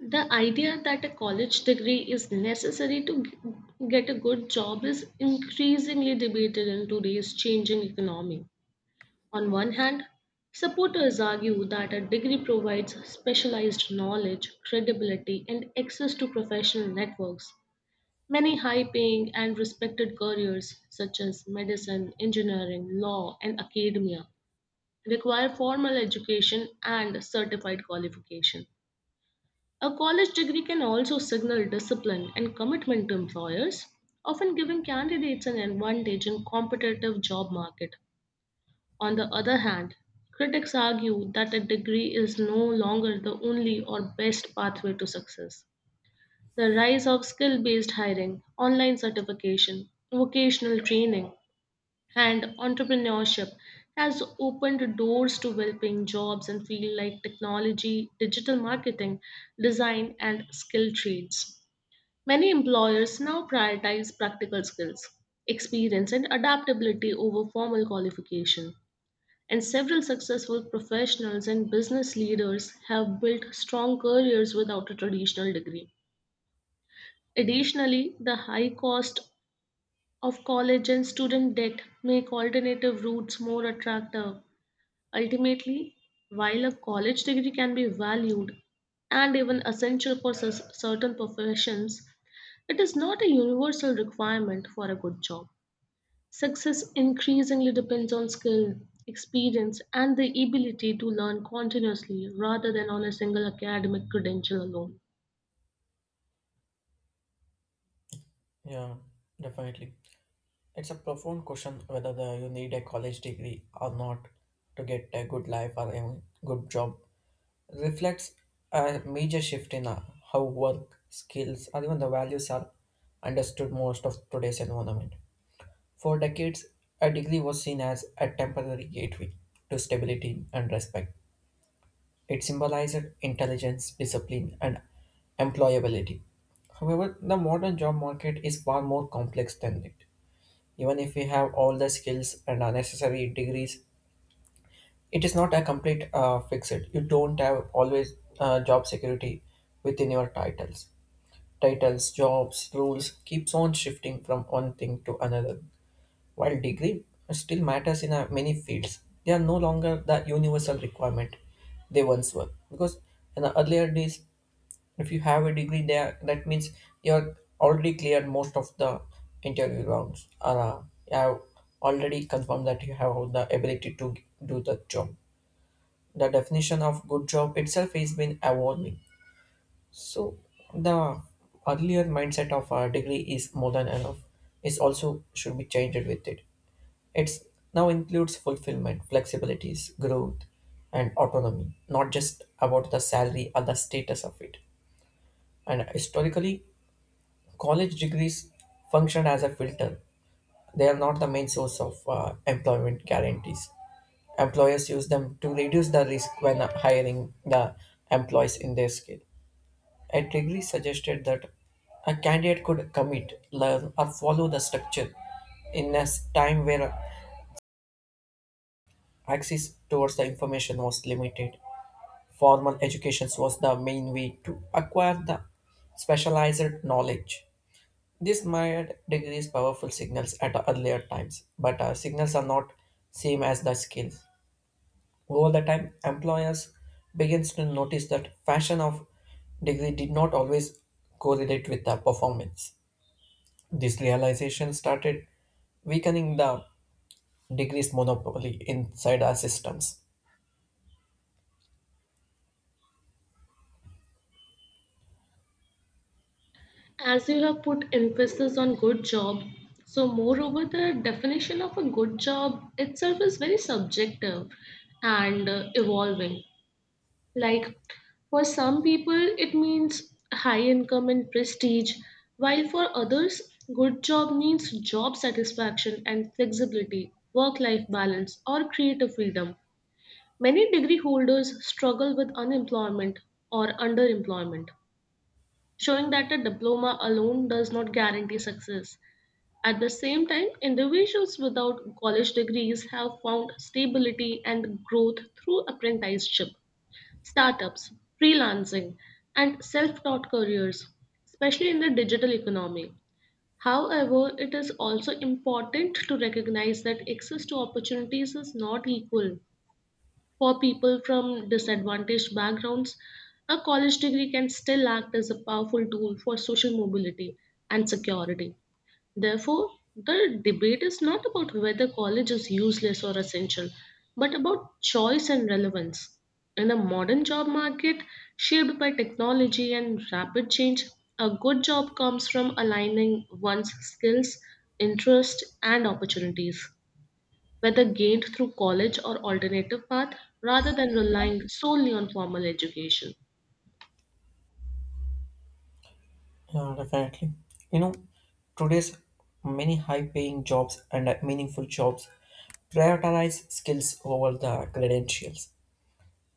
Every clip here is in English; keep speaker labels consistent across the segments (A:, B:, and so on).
A: The idea that a college degree is necessary to get a good job is increasingly debated in today's changing economy. On one hand, supporters argue that a degree provides specialized knowledge, credibility, and access to professional networks. Many high paying and respected careers, such as medicine, engineering, law, and academia, require formal education and certified qualification. A college degree can also signal discipline and commitment to employers, often giving candidates an advantage in competitive job market. On the other hand, critics argue that a degree is no longer the only or best pathway to success. The rise of skill-based hiring, online certification, vocational training, and entrepreneurship has opened doors to well-paying jobs in fields like technology, digital marketing, design, and skilled trades. Many employers now prioritize practical skills, experience, and adaptability over formal qualification. And several successful professionals and business leaders have built strong careers without a traditional degree. Additionally, the high cost of college and student debt make alternative routes more attractive. Ultimately, while a college degree can be valued and even essential for certain professions, it is not a universal requirement for a good job. Success increasingly depends on skill, experience, and the ability to learn continuously rather than on a single academic credential alone.
B: Yeah, definitely. It's a profound question whether you need a college degree or not to get a good life or a good job. Reflects a major shift in how work, skills, or even the values are understood most of today's environment. For decades, a degree was seen as a temporary gateway to stability and respect. It symbolized intelligence, discipline, and employability. However, the modern job market is far more complex than it. Even if we have all the skills and are necessary degrees, it is not a complete fixed. You don't have always job security within your titles. Titles, jobs, rules keeps on shifting from one thing to another. While degree still matters in many fields, they are no longer the universal requirement they once were. Because in the earlier days, if you have a degree there, that means you're already cleared most of the interview rounds, or you have already confirmed that you have the ability to do the job. The definition of good job itself has been evolving. So the earlier mindset of a degree is more than enough is also should be changed with it. It's now includes fulfillment, flexibilities, growth, and autonomy, not just about the salary or the status of it. And historically, college degrees function as a filter. They are not the main source of employment guarantees. Employers use them to reduce the risk when hiring the employees in their skill. A degree suggested that a candidate could commit, learn, or follow the structure in a time where access towards the information was limited formal education was the main way to acquire the specialized knowledge. This myriad degrees powerful signals at earlier times, but signals are not same as the skills. Over the time, employers begins to notice that fashion of degree did not always correlate with the performance. This realization started weakening the degrees monopoly inside our systems.
A: As you have put emphasis on good job, so moreover, the definition of a good job itself is very subjective and evolving. Like, for some people, it means high income and prestige, while for others, good job means job satisfaction and flexibility, work life balance, or creative freedom. Many degree holders struggle with unemployment or underemployment, showing that a diploma alone does not guarantee success. At the same time, individuals without college degrees have found stability and growth through apprenticeship, startups, freelancing, and self taught careers, especially in the digital economy. However, it is also important to recognize that access to opportunities is not equal. For people from disadvantaged backgrounds, a college degree can still act as a powerful tool for social mobility and security. Therefore, the debate is not about whether college is useless or essential, but about choice and relevance. In a modern job market shaped by technology and rapid change, a good job comes from aligning one's skills, interests, and opportunities, whether gained through college or alternative path, rather than relying solely on formal education.
B: Yeah, definitely. You know, today's many high-paying jobs and meaningful jobs prioritize skills over the credentials.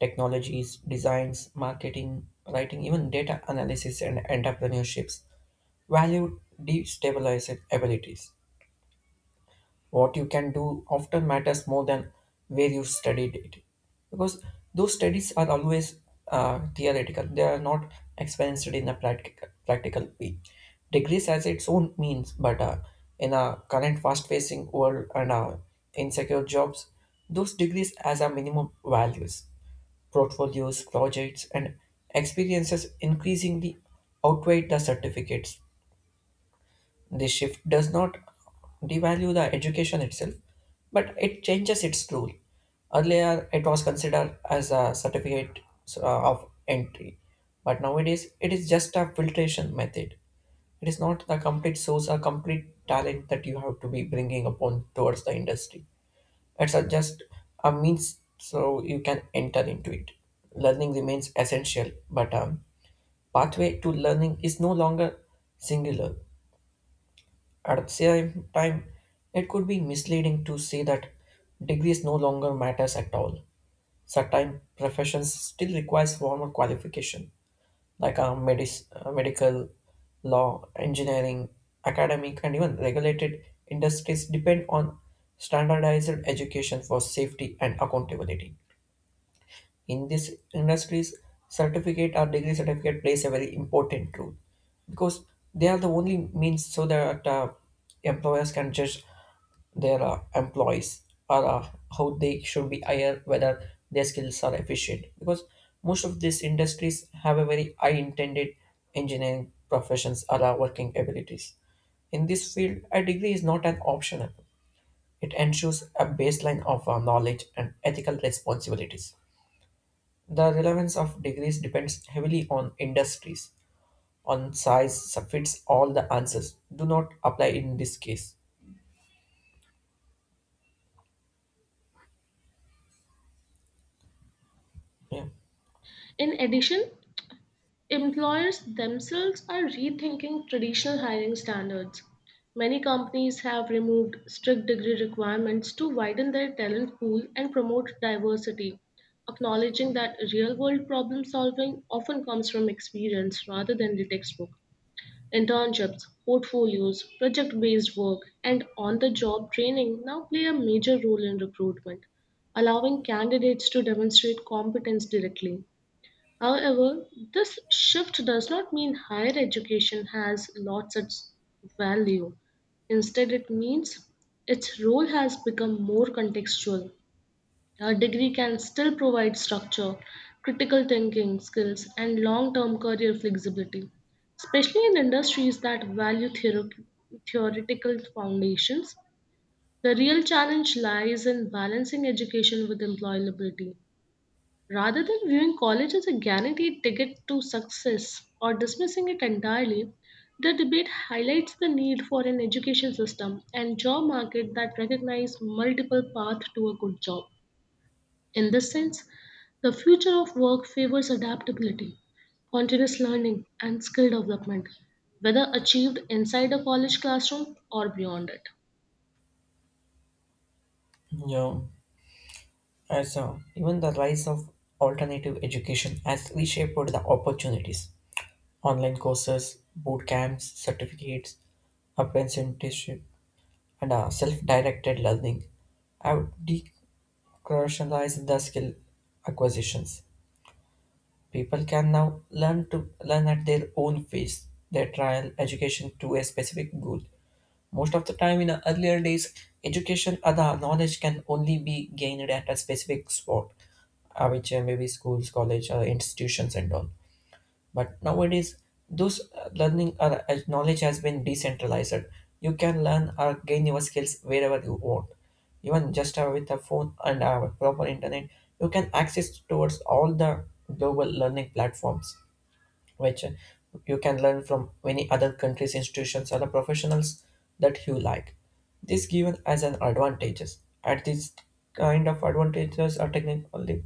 B: Technologies, designs, marketing, writing, even data analysis and entrepreneurships value destabilized abilities. What you can do often matters more than where you studied it. Because those studies are always theoretical, they are not experienced in a practical way. Degrees has its own means, but in a current fast facing world and insecure jobs, those degrees as a minimum values portfolios, projects, and experiences increasingly outweigh the certificates. This shift does not devalue the education itself, but it changes its role. Earlier, it was considered as a certificate of entry, but nowadays it is just a filtration method. It is not the complete source or complete talent that you have to be bringing upon towards the industry. It's a just a means so you can enter into it. Learning remains essential, but pathway to learning is no longer singular. At the same time, it could be misleading to say that degrees no longer matters at all. Certain professions still requires formal qualification, like medical, law, engineering, academic, and even regulated industries depend on standardized education for safety and accountability. In these industries, certificate or degree certificate plays a very important role because they are the only means so that employers can judge their employees or how they should be hired, whether their skills are efficient. Because most of these industries have a very high intended engineering professions or working abilities. In this field, a degree is not an optional. It ensures a baseline of knowledge and ethical responsibilities. The relevance of degrees depends heavily on industries, on size, so fits all the answers. Do not apply in this case. Yeah,
A: In addition, employers themselves are rethinking traditional hiring standards. Many companies have removed strict degree requirements to widen their talent pool and promote diversity, acknowledging that real world problem solving often comes from experience rather than the textbook. Internships, portfolios, project based work, and on the job training now play a major role in recruitment, allowing candidates to demonstrate competence directly. However, this shift does not mean higher education has lost its value. Instead, it means its role has become more contextual. A degree can still provide structure, critical thinking skills, and long term career flexibility, especially in industries that value theoretical foundations. The real challenge lies in balancing education with employability. Rather than viewing college as a guaranteed ticket to success or dismissing it entirely, the debate highlights the need for an education system and job market that recognize multiple paths to a good job. In this sense, the future of work favors adaptability, continuous learning, and skill development, whether achieved inside a college classroom or beyond it.
B: yeah. As even the rise of alternative education has reshaped the opportunities. Online courses, boot camps, certificates, apprenticeship, and self-directed learning have decrucialized the skill acquisitions. People can now learn to learn at their own pace, their trial education to a specific goal. Most of the time in the earlier days, education or the knowledge can only be gained at a specific spot, which may be schools, college, institutions and all. But nowadays, those learning or knowledge has been decentralized. You can learn or gain your skills wherever you want. Even just with a phone and a proper internet, you can access towards all the global learning platforms which you can learn from many other countries, institutions, or the professionals that you like. This given as an advantages. At this kind of advantages are technically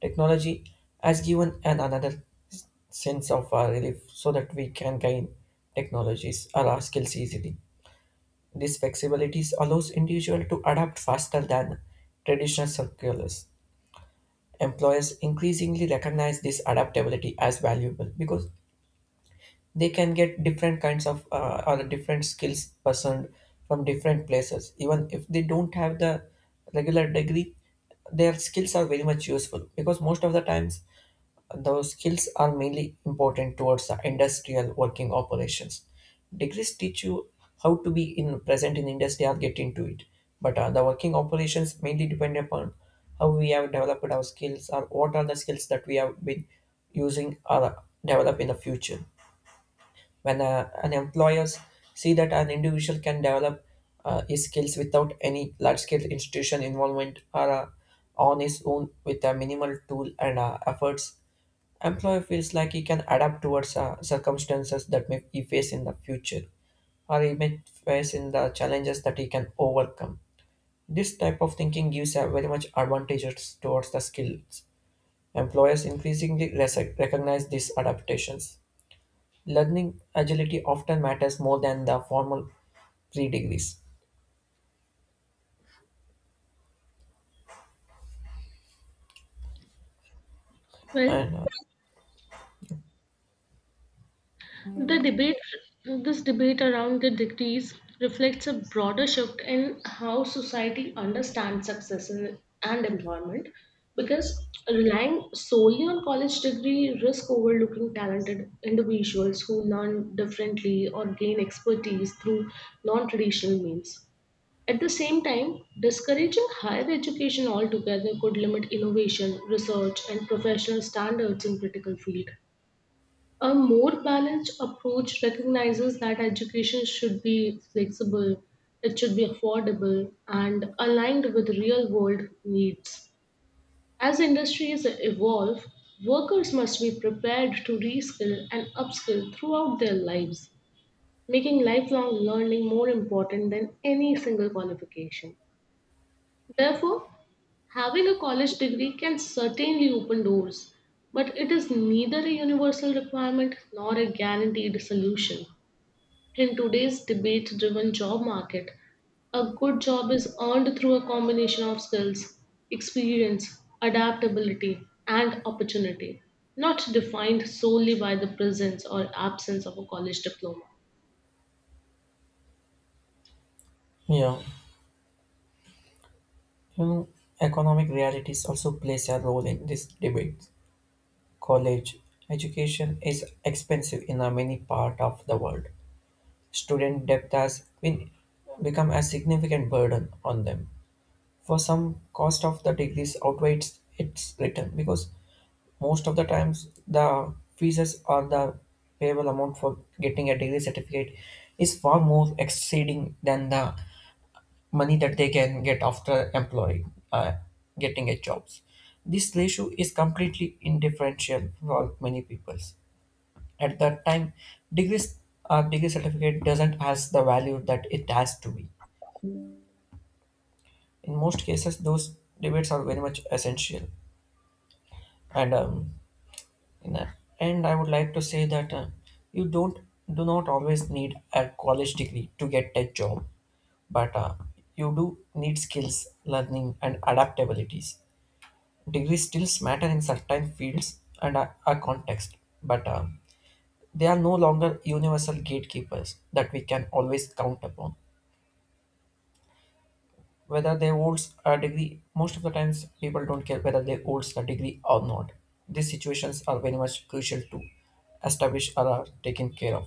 B: technology has given an another sense of relief so that we can gain technologies or our skills easily. This flexibility allows individual to adapt faster than traditional circulars. Employers increasingly recognize this adaptability as valuable because they can get different kinds of or different skills person from different places even if they don't have the regular degree their skills are very much useful because most of the times those skills are mainly important towards the industrial working operations degrees teach you how to be in present in industry or get into it but the working operations mainly depend upon how we have developed our skills or what are the skills that we have been using or develop in the future when an employers see that an individual can develop his skills without any large-scale institution involvement or on his own with a minimal tool and efforts, employer feels like he can adapt towards circumstances that may he face in the future or he may face in the challenges that he can overcome. This type of thinking gives a very much advantages towards the skills. Employers increasingly recognize these adaptations. Learning agility often matters more than the formal three degrees.
A: Well,
B: And
A: The debate, this debate around the degrees reflects a broader shift in how society understands success in, and employment because relying solely on college degree risk overlooking talented individuals who learn differently or gain expertise through non-traditional means. At the same time, discouraging higher education altogether could limit innovation, research, and professional standards in critical fields. A more balanced approach recognizes that education should be flexible, it should be affordable, and aligned with real world needs. As industries evolve, workers must be prepared to reskill and upskill throughout their lives, making lifelong learning more important than any single qualification. Therefore, having a college degree can certainly open doors, but it is neither a universal requirement nor a guaranteed solution. In today's debate driven job market, a good job is earned through a combination of skills, experience, adaptability, and opportunity, not defined solely by the presence or absence of a college diploma.
B: Yeah, you economic realities also plays a role in this debate. College education is expensive in a many part of the world. Student debt has been become a significant burden on them. For some, cost of the degrees outweighs its return because most of the times, the fees or the payable amount for getting a degree certificate is far more exceeding than the money that they can get after employing, getting a jobs. This ratio is completely indifferential for many peoples. At that time, degrees or degree certificate doesn't has the value that it has to be. In most cases, those debates are very much essential. And In the end, I would like to say that you don't do not always need a college degree to get a job, but you do need skills, learning, and adaptabilities. Degrees still matter in certain fields and a context, but they are no longer universal gatekeepers that we can always count upon. Whether they holds a degree, most of the times people don't care whether they holds the degree or not. These situations are very much crucial to establish or are taken care of.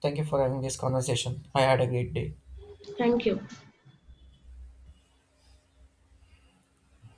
B: Thank you for having this conversation. I had a great day.
A: Thank you.